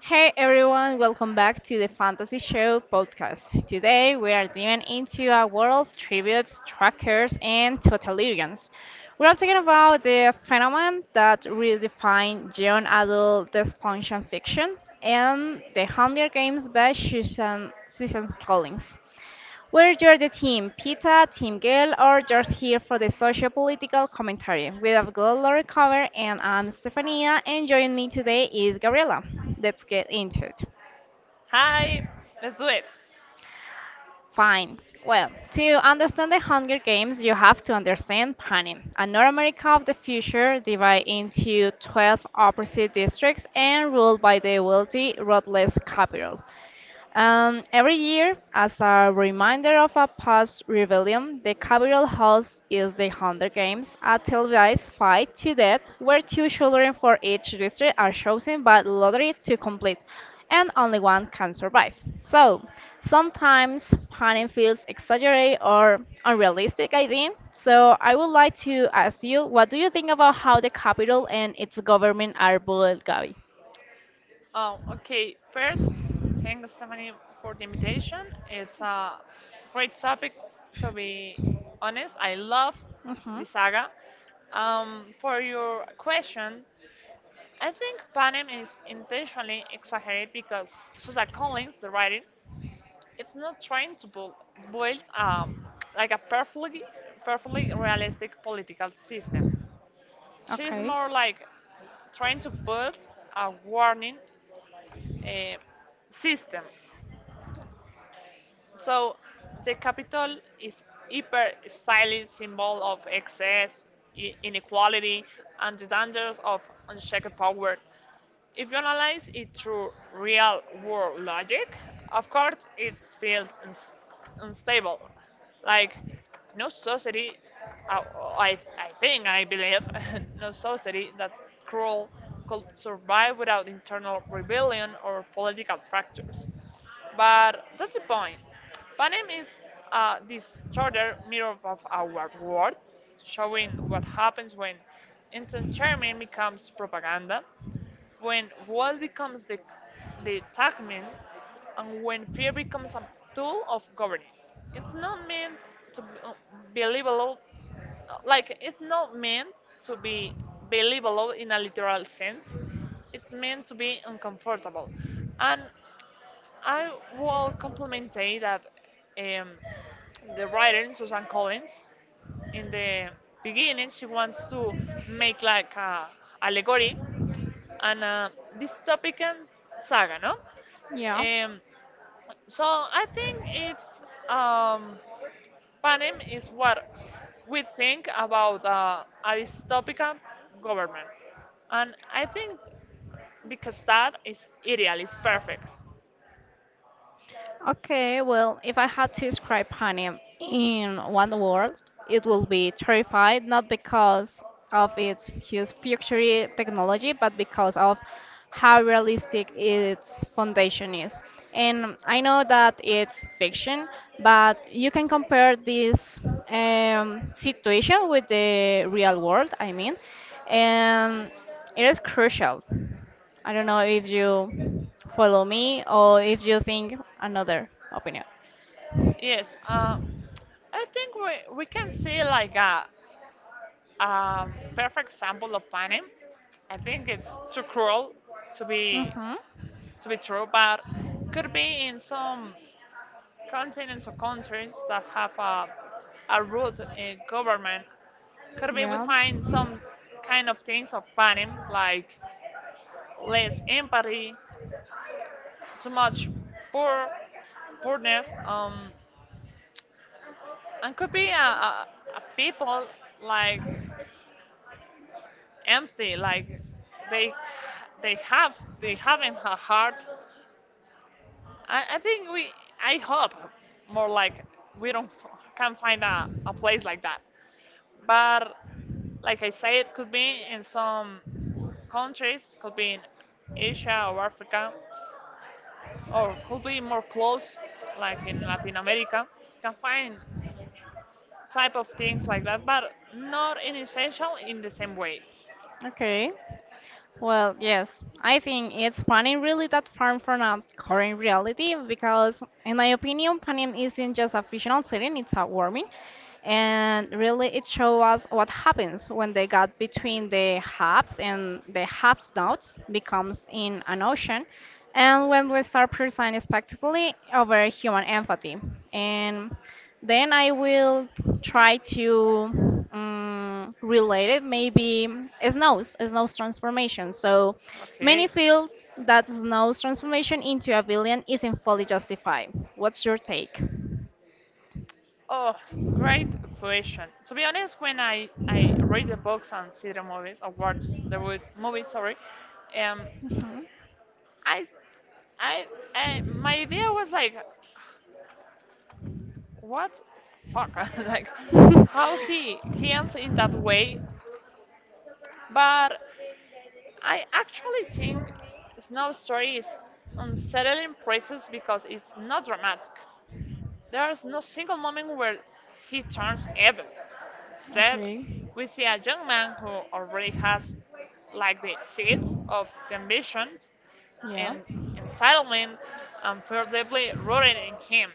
Hey everyone, welcome back to the Fantasy Show podcast. Today we are diving into a world of tributes, trackers, and totalitarians. We are talking about the phenomenon that redefines young adult dysfunction fiction and the Hunger Games by Susan Collins. Where you're the team, pita, team girl, or just here for the social political commentary. We have good Laura cover, and I'm Stefania, and joining me today is Gabriela. Let's get into it. Hi, let's do it. Fine. Well, to understand the Hunger Games, you have to understand Panem, a North America of the future divided into 12 opposite districts and ruled by the wealthy, ruthless capital. Every year, as a reminder of a past rebellion, the capital hosts is the Hunger Games, a televised fight to death where two children for each district are chosen by lottery to complete, and only one can survive. So, sometimes planning feels exaggerated or unrealistic, I think. So, I would like to ask you, what do you think about how the capital and its government are built, Gabi? Oh, okay, first, thanks, Stephanie, for the invitation. It's a great topic, to be honest. I love the saga. For your question, I think Panem is intentionally exaggerated because Susan Collins, the writer, it's not trying to build, like a perfectly realistic political system. She's Okay. more like trying to build a warning uh, system. So the capital is hyper stylized symbol of excess, inequality, and the dangers of unchecked power. If you analyze it through real world logic, of course it feels unstable. Like, no society, uh, I believe, no society that cruel could survive without internal rebellion or political fractures. But that's the point. Panem is this disorder mirror of our world, showing what happens when entertainment becomes propaganda when wall becomes the tagman and when fear becomes a tool of governance. It's not meant to be believable, like it's not meant to be believable in a literal sense. It's meant to be uncomfortable. And I will compliment that um, the writer, Susan Collins, in the beginning she wants to make like a allegory and this dystopian saga, no? Yeah. Um, so I think it's um, Panem is what we think about a dystopian government, and I think because that is ideal, is perfect. Okay, well, if I had to describe Honey in one word, it will be terrified, not because of its huge future technology, but because of how realistic its foundation is. And I know that it's fiction, but you can compare this situation with the real world, I mean, and it is crucial. I don't know if you follow me or if you think another opinion. Yes, I think we can see like a perfect example of Panem. I think it's too cruel to be Mhm. to be true, but could be in some continents or countries that have a root in government. Could be we Yeah. find some kind of things of banning, like less empathy, too much poor poorness, and could be a people like empty, like they they have they haven't a heart. I think we, I hope more like we don't can find a place like that. But like I say, it could be in some countries, could be in Asia or Africa, or could be more close, like in Latin America. Can find type of things like that, but not in essential in the same way. Okay. Well, yes, I think it's Panem really that far from our current reality because, in my opinion, Panem isn't just a fictional setting, it's heartwarming. And really, it shows us what happens when they got between the haves and the have nots becomes in an ocean, and when we start presenting spectacularly over human empathy. And then I will try to relate it maybe snow's transformation. So many Okay. feels that snows transformation into a villain isn't fully justified. What's your take? Oh, great question. To be honest, when I read the books and see the movies, or watch the movies, sorry, um, Mhm. I, I, I, my idea was like, what the fuck? Like, how he ends in that way. But I actually think Snow Story is unsettling process because it's not dramatic. There's no single moment where he turns evil. Instead, Okay. we see a young man who already has like the seeds of the ambitions Yeah. and entitlement and feel deeply rooted in him.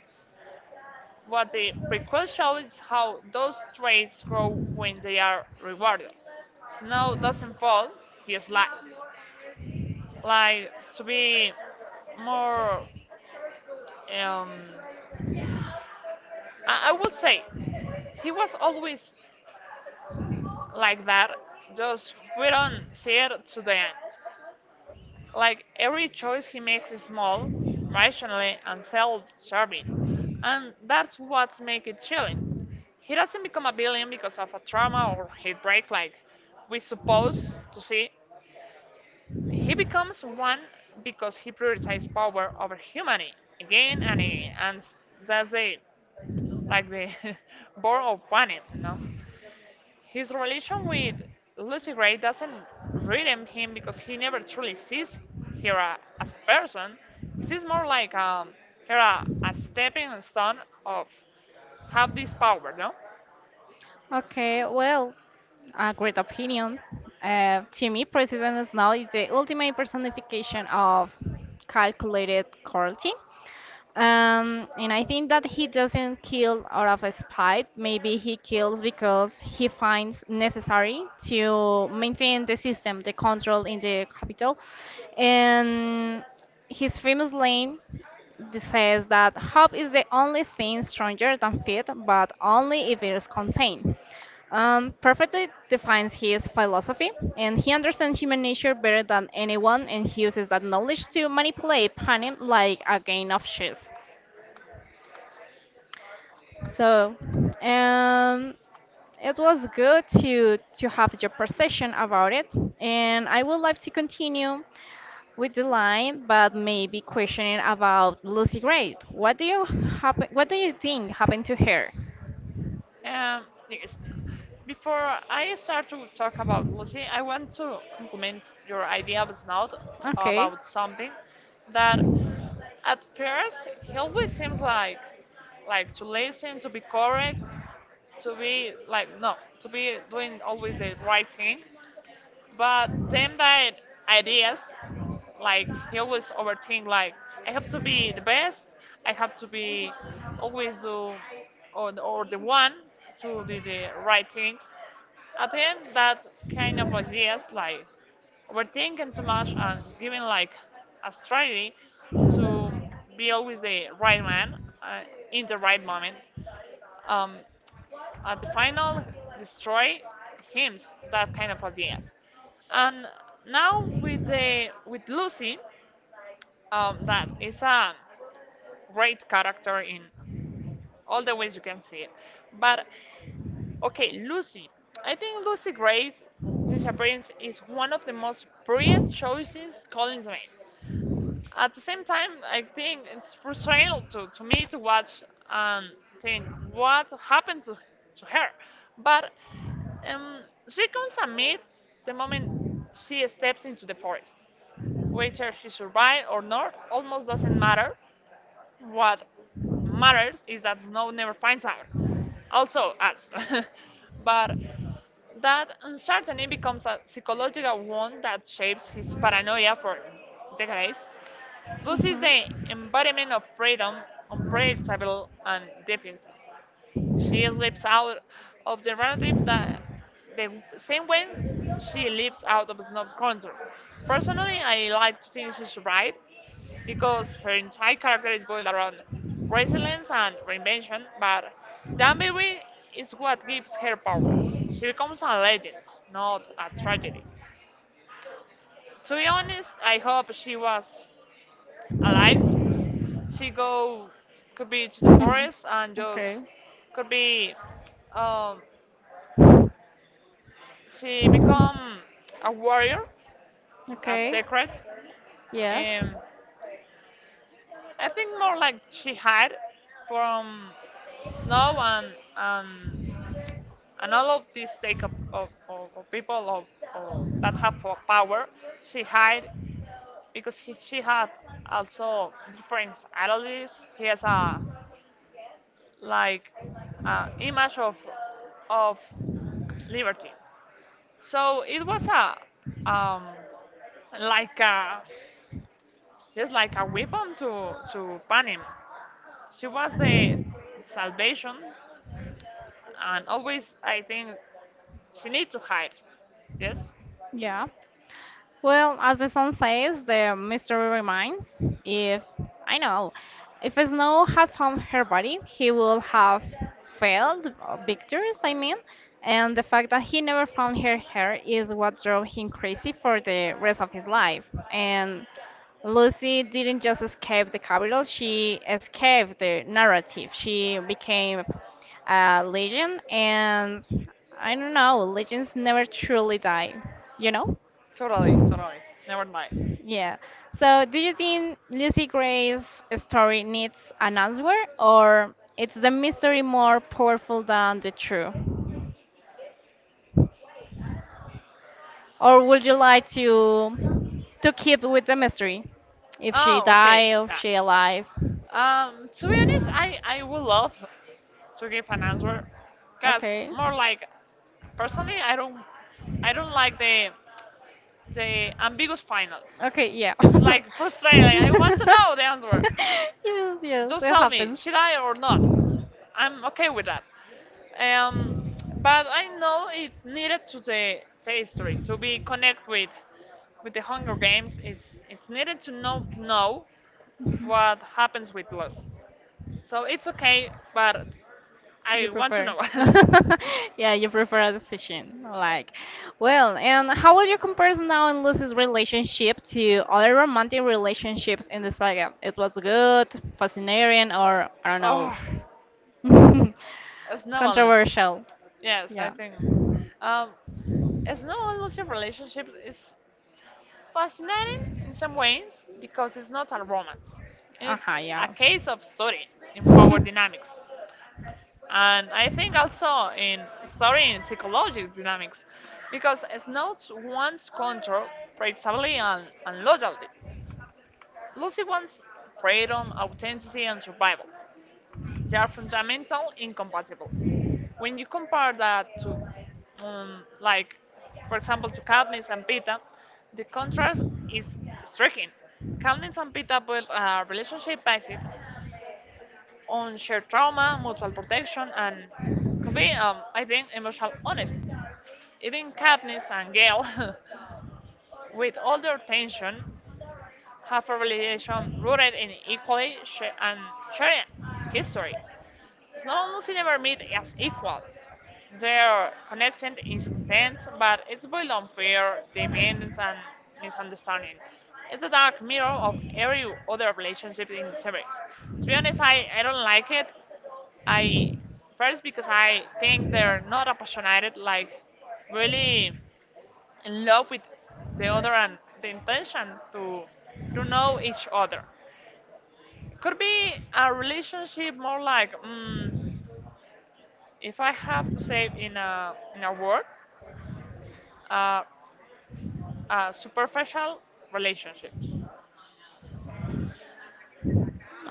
What the prequel shows is how those traits grow when they are rewarded. Snow doesn't fall, he slides. Like, to be more, um, I would say, he was always like that, just we don't see it to the end. Like every choice he makes is small, rationally, and self serving. And that's what makes it chilling. He doesn't become a villain because of a trauma or hate break like we supposed to see. He becomes one because he prioritizes power over humanity again and again. That's the like the born of panic, you know? His relation with Lucy Gray doesn't redeem him because he never truly sees her as a person. He sees more like her a stepping stone of have this power, no? Okay, well, a great opinion. To me, President Snow is the ultimate personification of calculated cruelty. And I think that he doesn't kill out of his spite. Maybe he kills because he finds necessary to maintain the system, the control in the capital. And his famous line. This says that hope is the only thing stronger than faith, but only if it is contained. Perfectly defines his philosophy, and he understands human nature better than anyone, and he uses that knowledge to manipulate panic like a game of chess. So, um, it was good to have your perception about it, and I would like to continue with the line, but maybe questioning about Lucy Gray. What do you happen? What do you think happened to her? Yes. Before I start to talk about Lucy, I want to compliment your idea of Snout about something that at first he always seems like to listen, to be correct, to be like no to be doing always the right thing but them that ideas like he always overthink like I have to be the best I have to be always do or the one to do the right things at the end that kind of ideas like overthinking too much and giving like a strategy to be always the right man uh, in the right moment um, at the final destroy him that kind of ideas and now with the with lucy that is a great character in all the ways you can see it but okay lucy I think lucy gray's disappearance is one of the most brilliant choices collins made. At the same time, I think it's frustrating to me to watch and think what happened to her. But um, she comes amid the moment she steps into the forest. Whether she survives or not almost doesn't matter. What matters is that Snow never finds out. Also, us. But that uncertainty becomes a psychological wound that shapes his paranoia for decades. Thus is the embodiment of freedom, unpredictable and deficient. She slips out of the narrative that the same way she lives out of Snob's control. Personally, I like to think she's right because her entire character is built around resilience and reinvention, but the ambiguity is what gives her power. She becomes a legend, not a tragedy. To be honest, I hope she was alive. She go Could be to the Mhm. forest and Okay. just could be um, she become a warrior at Okay. secret. Yes. Um, I think more like she hide from snow and and all of this sake of people of that have power. She hide because she had also different allergies. He has a like image of liberty. So it was a like a just like a weapon to pan him. She was the salvation, and always I think she needs to hide. Yes, Yeah. Well, as the song says, the mystery remains. If I know, if Snow had found her body, he would have failed victors, I mean, and the fact that he never found her hair is what drove him crazy for the rest of his life. And Lucy didn't just escape the capital, she escaped the narrative. She became a legend, and I don't know, legends never truly die, you know? Totally, never lie. Yeah. So, do you think Lucy Gray's story needs an answer, or it's the mystery more powerful than the truth? Or would you like to keep with the mystery, if she Oh, okay, die or yeah. she alive? To be honest, I would love to give an answer, cause Okay. more like personally I don't like the ambiguous finals. Okay. Yeah. It's like frustrating. Like, I want yes. to know the answer. Yes. Just It tell me, happens. should I or not? I'm okay with that. Um, but I know it's needed to the history to be connect with the Hunger Games. It's needed to know what happens with loss. So it's okay, but You I want to prefer. know. Yeah, you prefer a decision. Like, well, and how would you compare now and Lucy's relationship to other romantic relationships in the saga? It was good, fascinating, or I don't know, Oh, it's no elusive. controversial. Yes, I Yeah. think. Um, It's not almost a relationship. It's fascinating in some ways because it's not a romance. Uh-huh, It's a yeah. case of story in power dynamics. And I think also in story and psychological dynamics because it's not one's control, predictability, and loyalty. Lucy wants freedom, authenticity, and survival. They are fundamental, incompatible. When you compare that to, like, for example, to Cadmus and Pita, the contrast is striking. Cadmus and Pita built a relationship based on shared trauma, mutual protection, and could be, I think, emotional honesty. Even Cadmus and Gale, with all their tension, have a relation rooted in equally sh- and shared history. Slaloms never meet as equals. Their connection is intense, but it's built on fear, dependence, and misunderstanding. It's a dark mirror of every other relationship in the series. To be honest, I don't like it. I first because I think they're not passionate, like really in love with the other and the intention to to know each other. Could be a relationship more like. Mm, if I have to say in a word, uh, superficial relationships.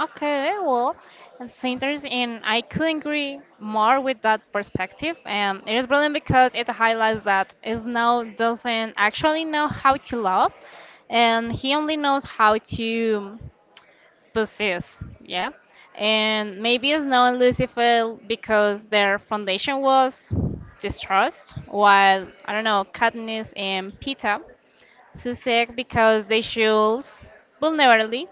Okay, well, it's interesting, and I couldn't agree more with that perspective. It is brilliant because it highlights that Snow doesn't actually know how to love, and he only knows how to. Possess, yeah. And maybe Snow known Lucifer because their foundation was distrust, while I don't know, Katniss and Peeta Susek because they chose vulnerability,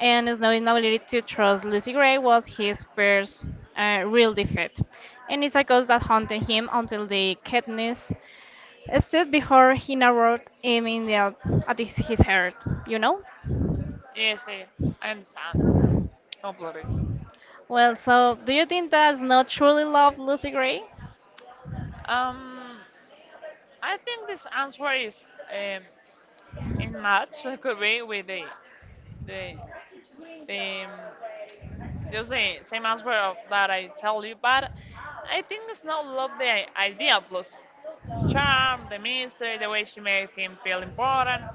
and Snow's inability to trust Lucy Gray was his first real defeat. And it's a ghost that haunted him until the Katniss stood before he narrowed him in the, at his heart, you know? Yes, I understand completely. Well, so do you think that's not truly love, Lucy Gray? Um, I think this answer is um, in match could be with the the just the same answer of that I tell you, but I think it's not love the idea plus it's charm, the mystery, the way she made him feel important.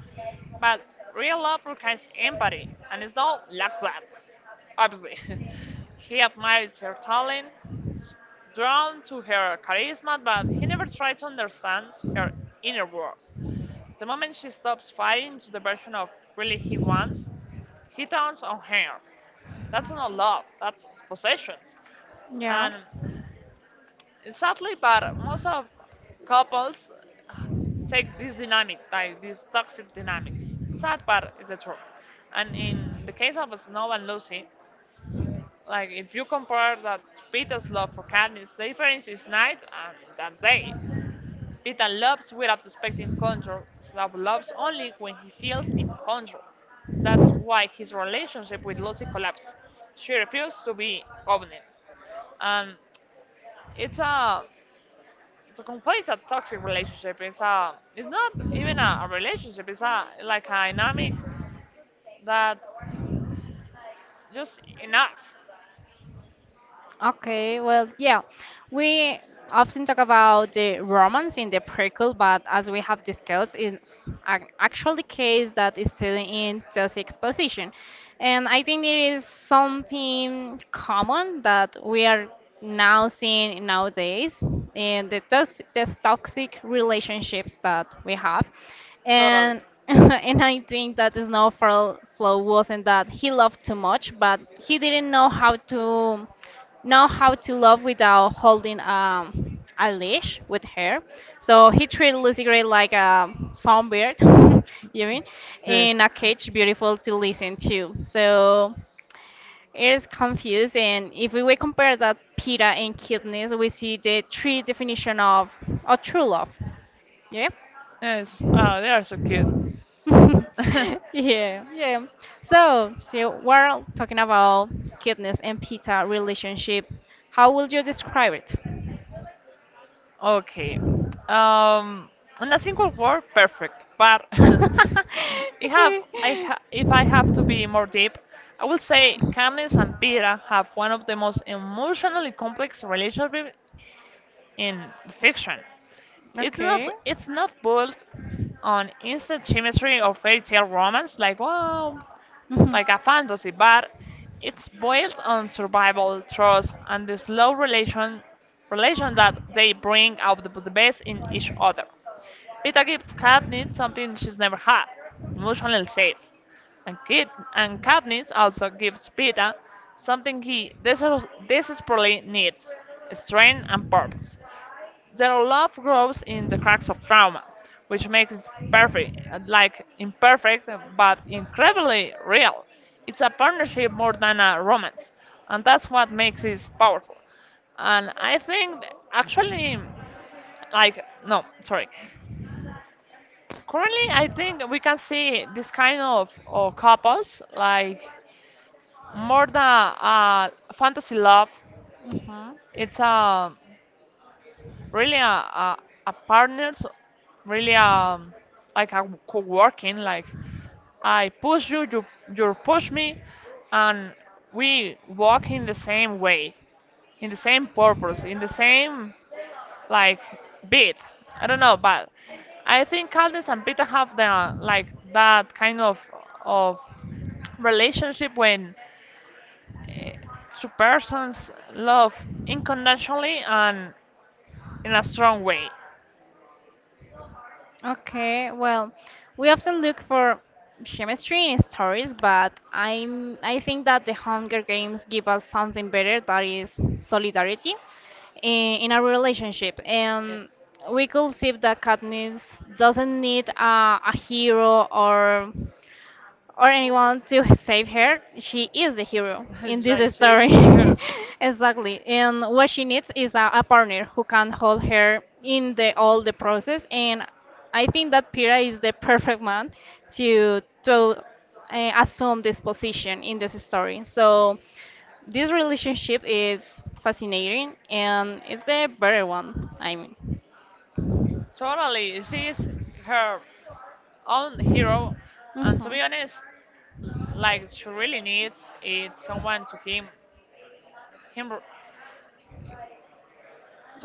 But real love requires empathy, and it's not lacks that, obviously. He admires her talent, he's drawn to her charisma, but he never tried to understand her inner world. The moment she stops fighting to the version of really he wants, he turns on her. That's not love, that's possessions. Yeah. And sadly, but most of couples take this dynamic, like this toxic dynamic. It's sad, but it's the truth. And in the case of Snow and Lucy, like if you compare that to Peter's love for Katniss, the difference is night and that day. Peter loves without expecting control, Snow loves only when he feels in control. That's why his relationship with Lucy collapsed. She refused to be covenant. And it's a to complete it's a toxic relationship. It's not even a relationship. It's a like a dynamic that just enough. Okay, well, yeah, we often talk about the romance in the prequel, but as we have discussed, it's an actual case that is still in toxic position, and I think it is something common that we are now seeing nowadays in the toxic relationships that we have, Totally. and and I think that Snowfall Flow wasn't that he loved too much, but he didn't know how to love without holding a leash with her. So he treated Lucy Gray like a songbird, you mean, Yes. in a cage beautiful to listen to. So it is confused, and if we will compare that Pita and cuteness, we see the three definition of a true love. Yeah. Yes. Oh, they are so cute. yeah, yeah. So, we're talking about cuteness and Pita relationship. How would you describe it? Okay. Um, in a single word, perfect. But I okay. have, I ha if I have to be more deep, I would say Candice and Pira have one of the most emotionally complex relationship in fiction. It's not Okay. it's not built on instant chemistry or fairy tale romance like wow like a fantasy, but it's built on survival, trust, and the slow relation that they bring out the best in each other. Peter gives Katniss something she's never had, emotional safe. And, Kit, and Katniss also gives Peter something he desperately needs, strength and purpose. Their love grows in the cracks of trauma, which makes it perfect, Mhm. like imperfect, but incredibly real. It's a partnership more than a romance, and that's what makes it powerful. And I think, actually, like, no, sorry. Currently, I think we can see this kind of couples, like, more than a fantasy love. Uh huh. It's a really a partners really like a co-working like I push you you push me and we walk in the same way in the same purpose in the same like beat. I don't know, but I think caldas and peter have the like that kind of relationship when two persons love unconditionally and in a strong way, Okay, well, we often look for chemistry in stories, but I think that the Hunger Games give us something better that is solidarity in a relationship. And yes. we could see that Katniss doesn't need a hero or anyone to save her, she is the hero It's in this like she's story. her. exactly. And what she needs is a partner who can hold her in the all the process. And I think that Pira is the perfect man to assume this position in this story. So this relationship is fascinating and it's the better one. I mean. Totally, she's her own hero. And Hmm. to be honest, like she really needs it someone to him.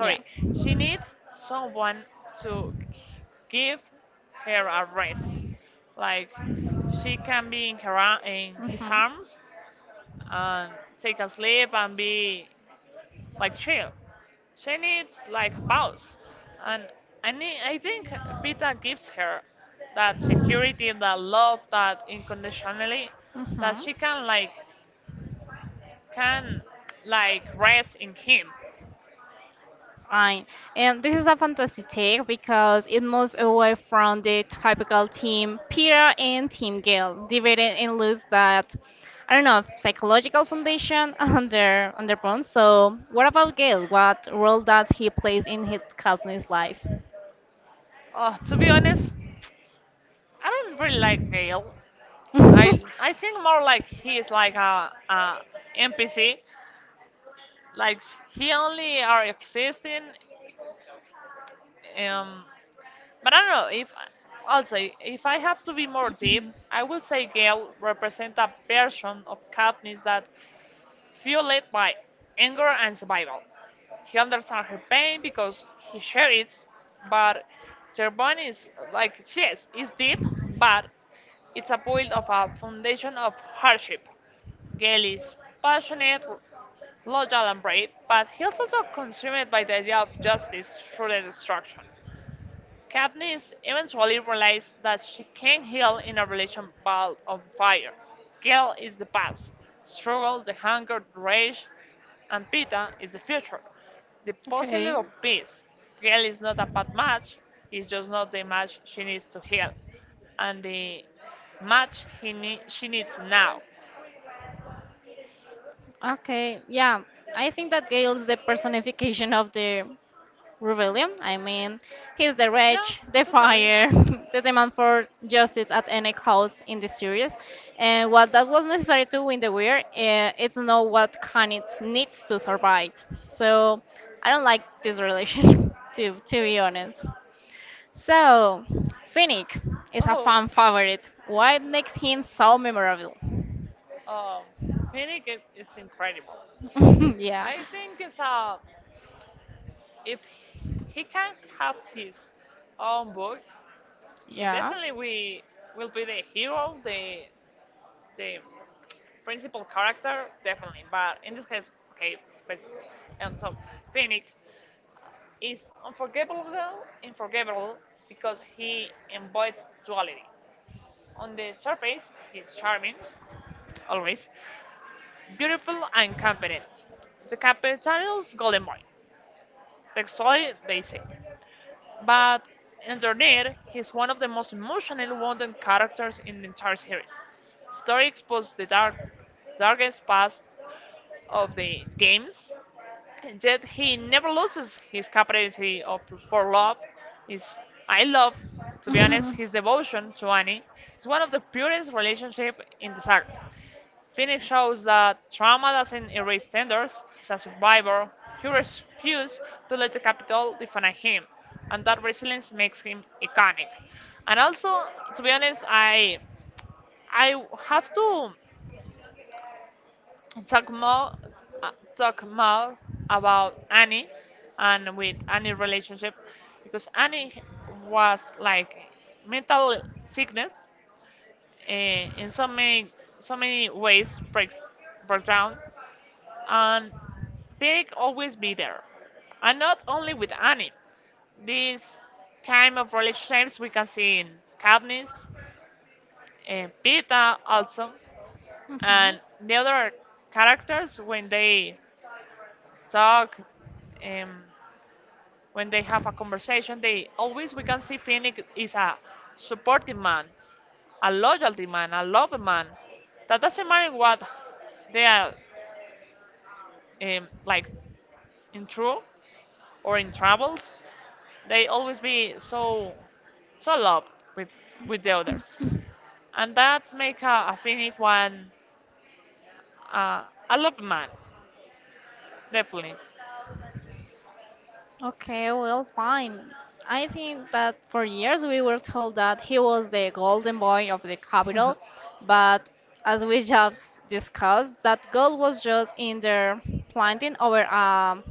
Yeah. she needs someone to give her a rest. Like she can be in his arms and take a sleep and be like chill. She needs like a pause, and I think Pita gives her that security, Mhm. that love, that unconditionally, that Mm-hmm. she can like rest in him. Right. And this is a fantastic take because it moves away from the typical team Peter and team Gale, divided and lose that I don't know psychological foundation under So what about Gale? What role does he plays in his cousin's life? Oh, to be honest, I don't really like Gale. I think more like he is like a NPC. Like he only are existing. Um, But I don't know if also if I have to be more deep, I will say Gale represents a version of Katniss that fueled by anger and survival. He understands her pain because he shares it, but Gervon is like yes, it's deep, but it's a build of a foundation of hardship. Gale is passionate, loyal, and brave, but he's also consumed by the idea of justice through the destruction. Katniss eventually realizes that she can't heal in a relation ball of fire. Gale is the past, struggle, the hunger, the rage, and Pita is the future. The puzzle Okay. of peace. Gale is not a bad match, it's just not the match she needs to heal, and the match she needs now. Okay. Yeah. I think that Gail's the personification of the rebellion. I mean, he's the Yeah, rage, the totally. fire, the demand for justice at any cost in the series. And while that was necessary to win the war, it's not what Kanitz needs to survive. So I don't like this relation, to, be honest. So, Finnick is a Oh, fan favorite. What makes him so memorable? um, Phoenix is incredible. yeah. I think it's if he can have his own book, he Yeah. definitely we will be the hero, the principal character, definitely. But in this case, okay, but and so Phoenix is unforgivable, unforgivable because he embodies duality. On the surface, he's charming, always beautiful and confident. The capital's golden boy, textually they say. But underneath, he's one of the most emotional wounded characters in the entire series. Story exposes the darkest past of the games, yet he never loses his capacity for love. His, I love, to be honest, his devotion to Annie is one of the purest relationships in the saga. Phoenix shows that trauma doesn't erase tenders. He's a survivor who refuses to let the capital define him, and that resilience makes him iconic. And also, to be honest, I have to talk more uh, talk more about Annie and with Annie relationship because Annie was like mental sickness uh, in so many ways break down and Pig always be there and not only with Annie these kind of relationships we can see in Katniss and Pita also and the other characters when they talk. Um, when they have a conversation, they always we can see Phoenix is a supportive man, a loyalty man, a loving man. That doesn't matter what they are like in true or in troubles. They always be so loved with with the others, and that's make a Phoenix one uh, a loving man, definitely. Okay, well, fine. I think that for years we were told that he was the golden boy of the capital, but as we just discussed, that gold was just in there planting over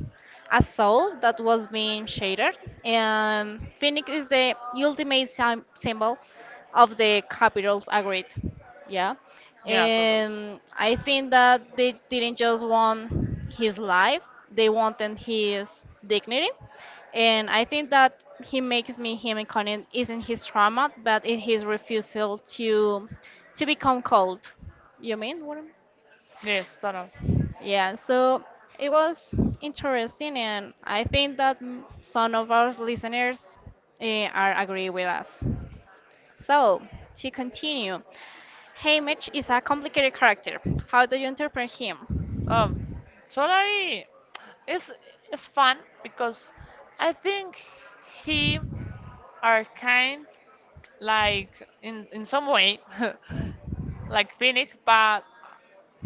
a soul that was being shattered. And Phoenix is the ultimate symbol of the capital's agreed. Yeah. Yeah, totally. And I think that they didn't just want his life, they wanted his dignity, and I think that he makes me him incarnate isn't his trauma but in his refusal to become cold, you mean what Yes, sort. yeah, so it was interesting and I think that some of our listeners are agree with us, so to continue, Haymitch is a complicated character, how do you interpret him? Um, Solari is is fun because I think he are kind like in some way like Phoenix, but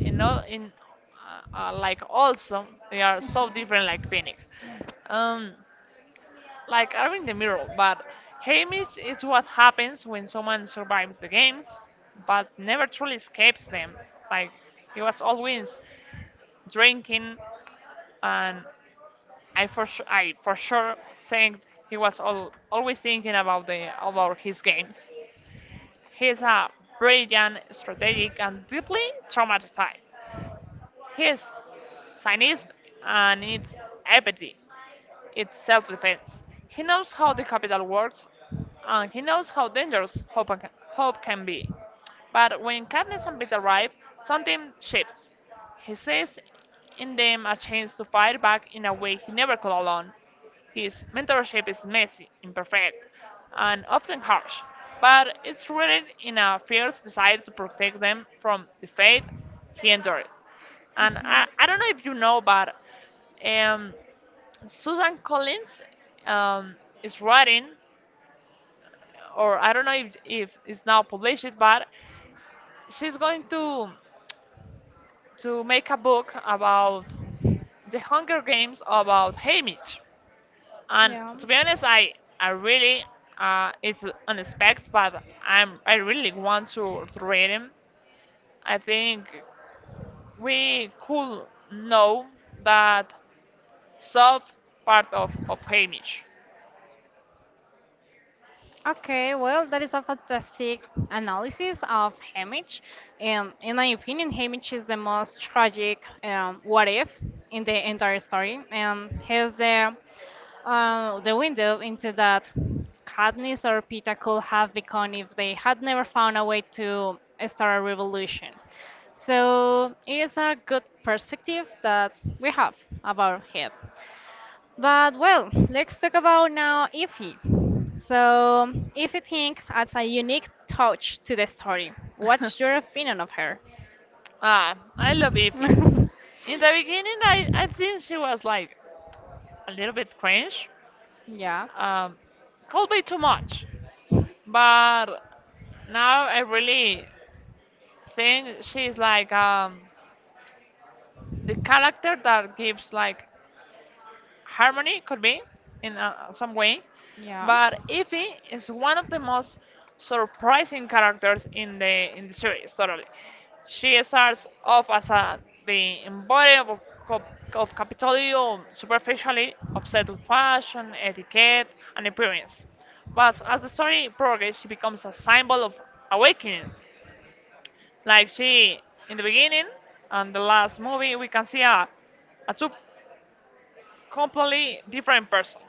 you know in like also they are so different like Phoenix. Um, like are in the mirror, but Hamish is what happens when someone survives the games, but never truly escapes them. Like he was always drinking and I for sure think he was al always thinking about the about his games. He is a brilliant, strategic, and deeply traumatized. His cynicism and its apathy it's self defense. He knows how the capital works, and he knows how dangerous hope can be. But when Katniss and Pete arrive, something shifts. He sees in them a chance to fight back in a way he never could alone. His mentorship is messy, imperfect, and often harsh, but it's rooted in a fierce desire to protect them from the fate he endured. And I don't know if you know, but um, Susan Collins um, is writing, or I don't know if it's now published, but she's going to make a book about the Hunger Games about Haymitch. And Yeah. to be honest, I really it's unexpected, but I really want to read him. I think we could know that sub part of Haymitch. Okay, well, that is a fantastic analysis of Hamish. And in my opinion, Hamish is the most tragic what if in the entire story. And has the window into that Katniss or Peeta could have become if they had never found a way to start a revolution. So it is a good perspective that we have about him. But well, let's talk about now Ify. So, Ify Think adds a unique touch to the story. What's your opinion of her? Ah, I love Ify. In the beginning, I think she was like a little bit cringe, yeah, um, could be too much. But now I really think she's like the character that gives like harmony could be in some way, yeah. but Ify is one of the most surprising characters in the series totally. She starts off as the embodiment of Capitolio superficially obsessed with fashion, etiquette, and appearance. But as the story progresses, she becomes a symbol of awakening. Like she, in the beginning and the last movie, we can see a two completely different person.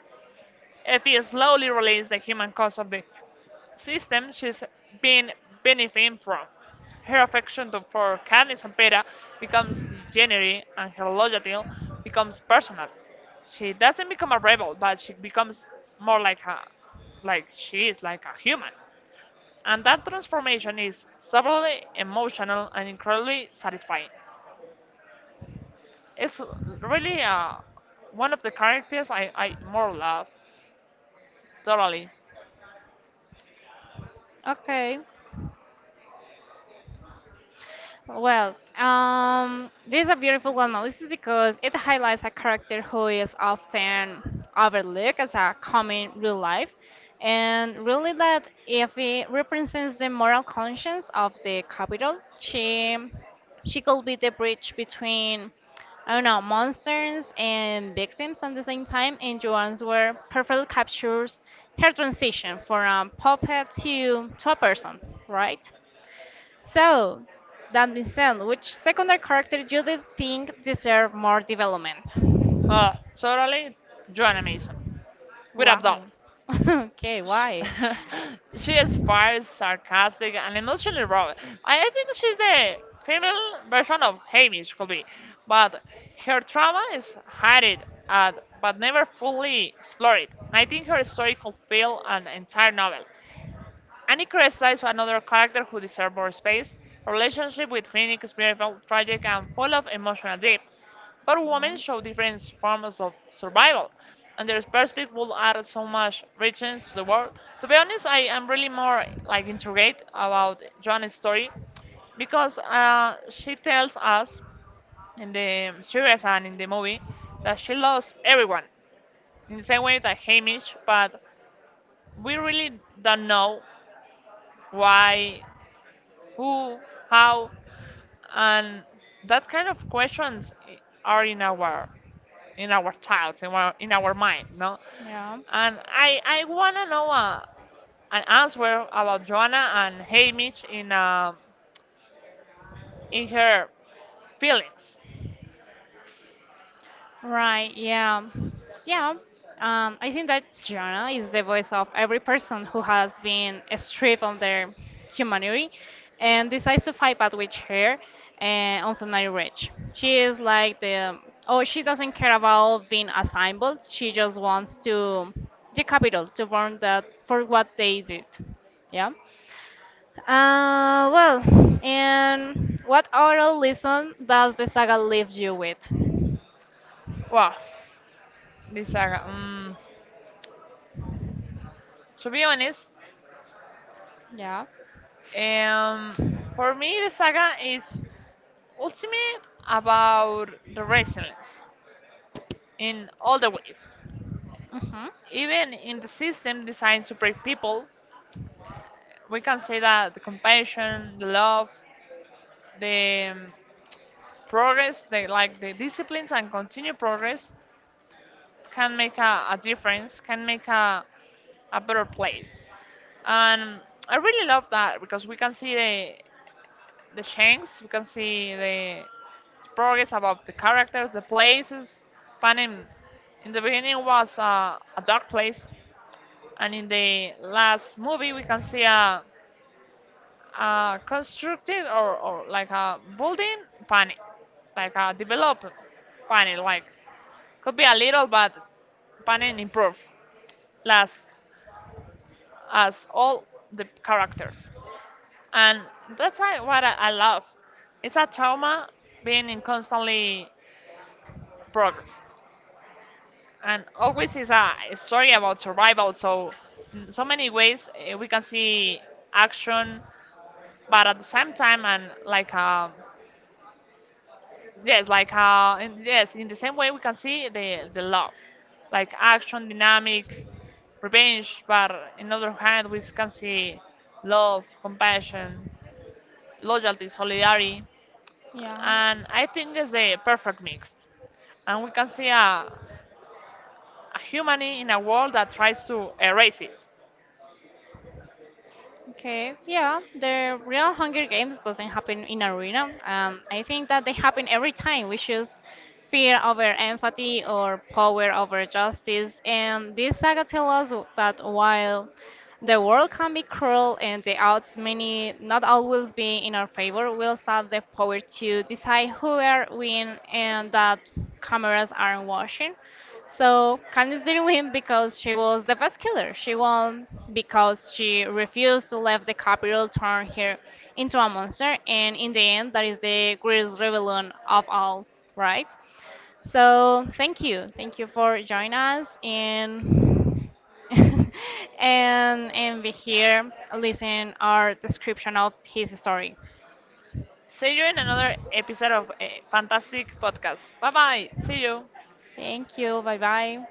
Effie slowly realizes the human cost of the system she's been benefiting from. Her affection for Candice and Peta becomes genuine and her loyalty becomes personal. She doesn't become a rebel, but she becomes more like a like she is like a human. And that transformation is subtly emotional and incredibly satisfying. It's really one of the characters I more love, totally. Okay. Well, this is a beautiful one, Melissa, because it highlights a character who is often overlooked as a common real life, and really that if it represents the moral conscience of the capital, she could be the bridge between I don't know monsters and victims at the same time, and Joanne's work perfectly captures her transition from a puppet to a person, right? So, that being said, which secondary character do you think deserve more development? Oh, totally. Joanna Mason. With abdominals. Why? okay, She, why? she is fiery, sarcastic, and emotionally raw. I think she's the female version of Hamish, could be. But her trauma is hidden, at, but never fully explored. I think her story could fill an entire novel. Annika slides another character who deserves more space. Her relationship with Phoenix is beautiful, tragic, and full of emotional depth. But women show different forms of survival, and their perspective will add so much richness to the world. To be honest, I am really more like intrigued about Joanne's story because she tells us in the series and in the movie that she lost everyone in the same way that Hamish, but we really don't know why, who, how, and that kind of questions are in our thoughts, in our mind, no? Yeah. And I wanna know an answer about Joanna and Hamish in her feelings. Right, yeah. Yeah. I think that Jonah is the voice of every person who has been stripped of their humanity and decides to fight back with her and on Family Ridge. She is like the oh she doesn't care about being a symbol, she just wants to the capital to burn that for what they did. Yeah. Uh, well and what oral lesson does the saga leave you with? Wow, this saga. To be honest, Yeah. um, for me the saga is ultimate about the resilience in all the ways. Mhm. Even in the system designed to break people, we can say that the compassion, the love, the progress, like the disciplines and continued progress can make a difference, can make a better place. And I really love that because we can see the changes, we can see the progress about the characters, the places. Panem in the beginning was a dark place, and in the last movie we can see a constructed or like a building panel, like a developed panel, like could be a little but panel improve last as all the characters. And that's what I love. It's a trauma being in constantly progress. And always is a story about survival, so in so many ways we can see action, but at the same time and like a. Yes, like yes, in the same way we can see the love, like action, dynamic, revenge. But in other hand, we can see love, compassion, loyalty, solidarity, Yeah. and I think it's the perfect mix. And we can see a human in a world that tries to erase it. Okay, yeah, the real Hunger Games doesn't happen in arena. I think that they happen every time. We choose fear over empathy or power over justice. And this saga tells us that while the world can be cruel and the odds may not always be in our favor, we'll have the power to decide who are win and that cameras aren't watching. So Candice didn't win because she was the best killer. She won because she refused to let the capital turn her into a monster, and in the end, that is the greatest rebellion of all, right? So thank you for joining us and and be here, listen our description of his story. See you in another episode of a Fantastic Podcast. Bye bye. See you. Thank you, bye bye.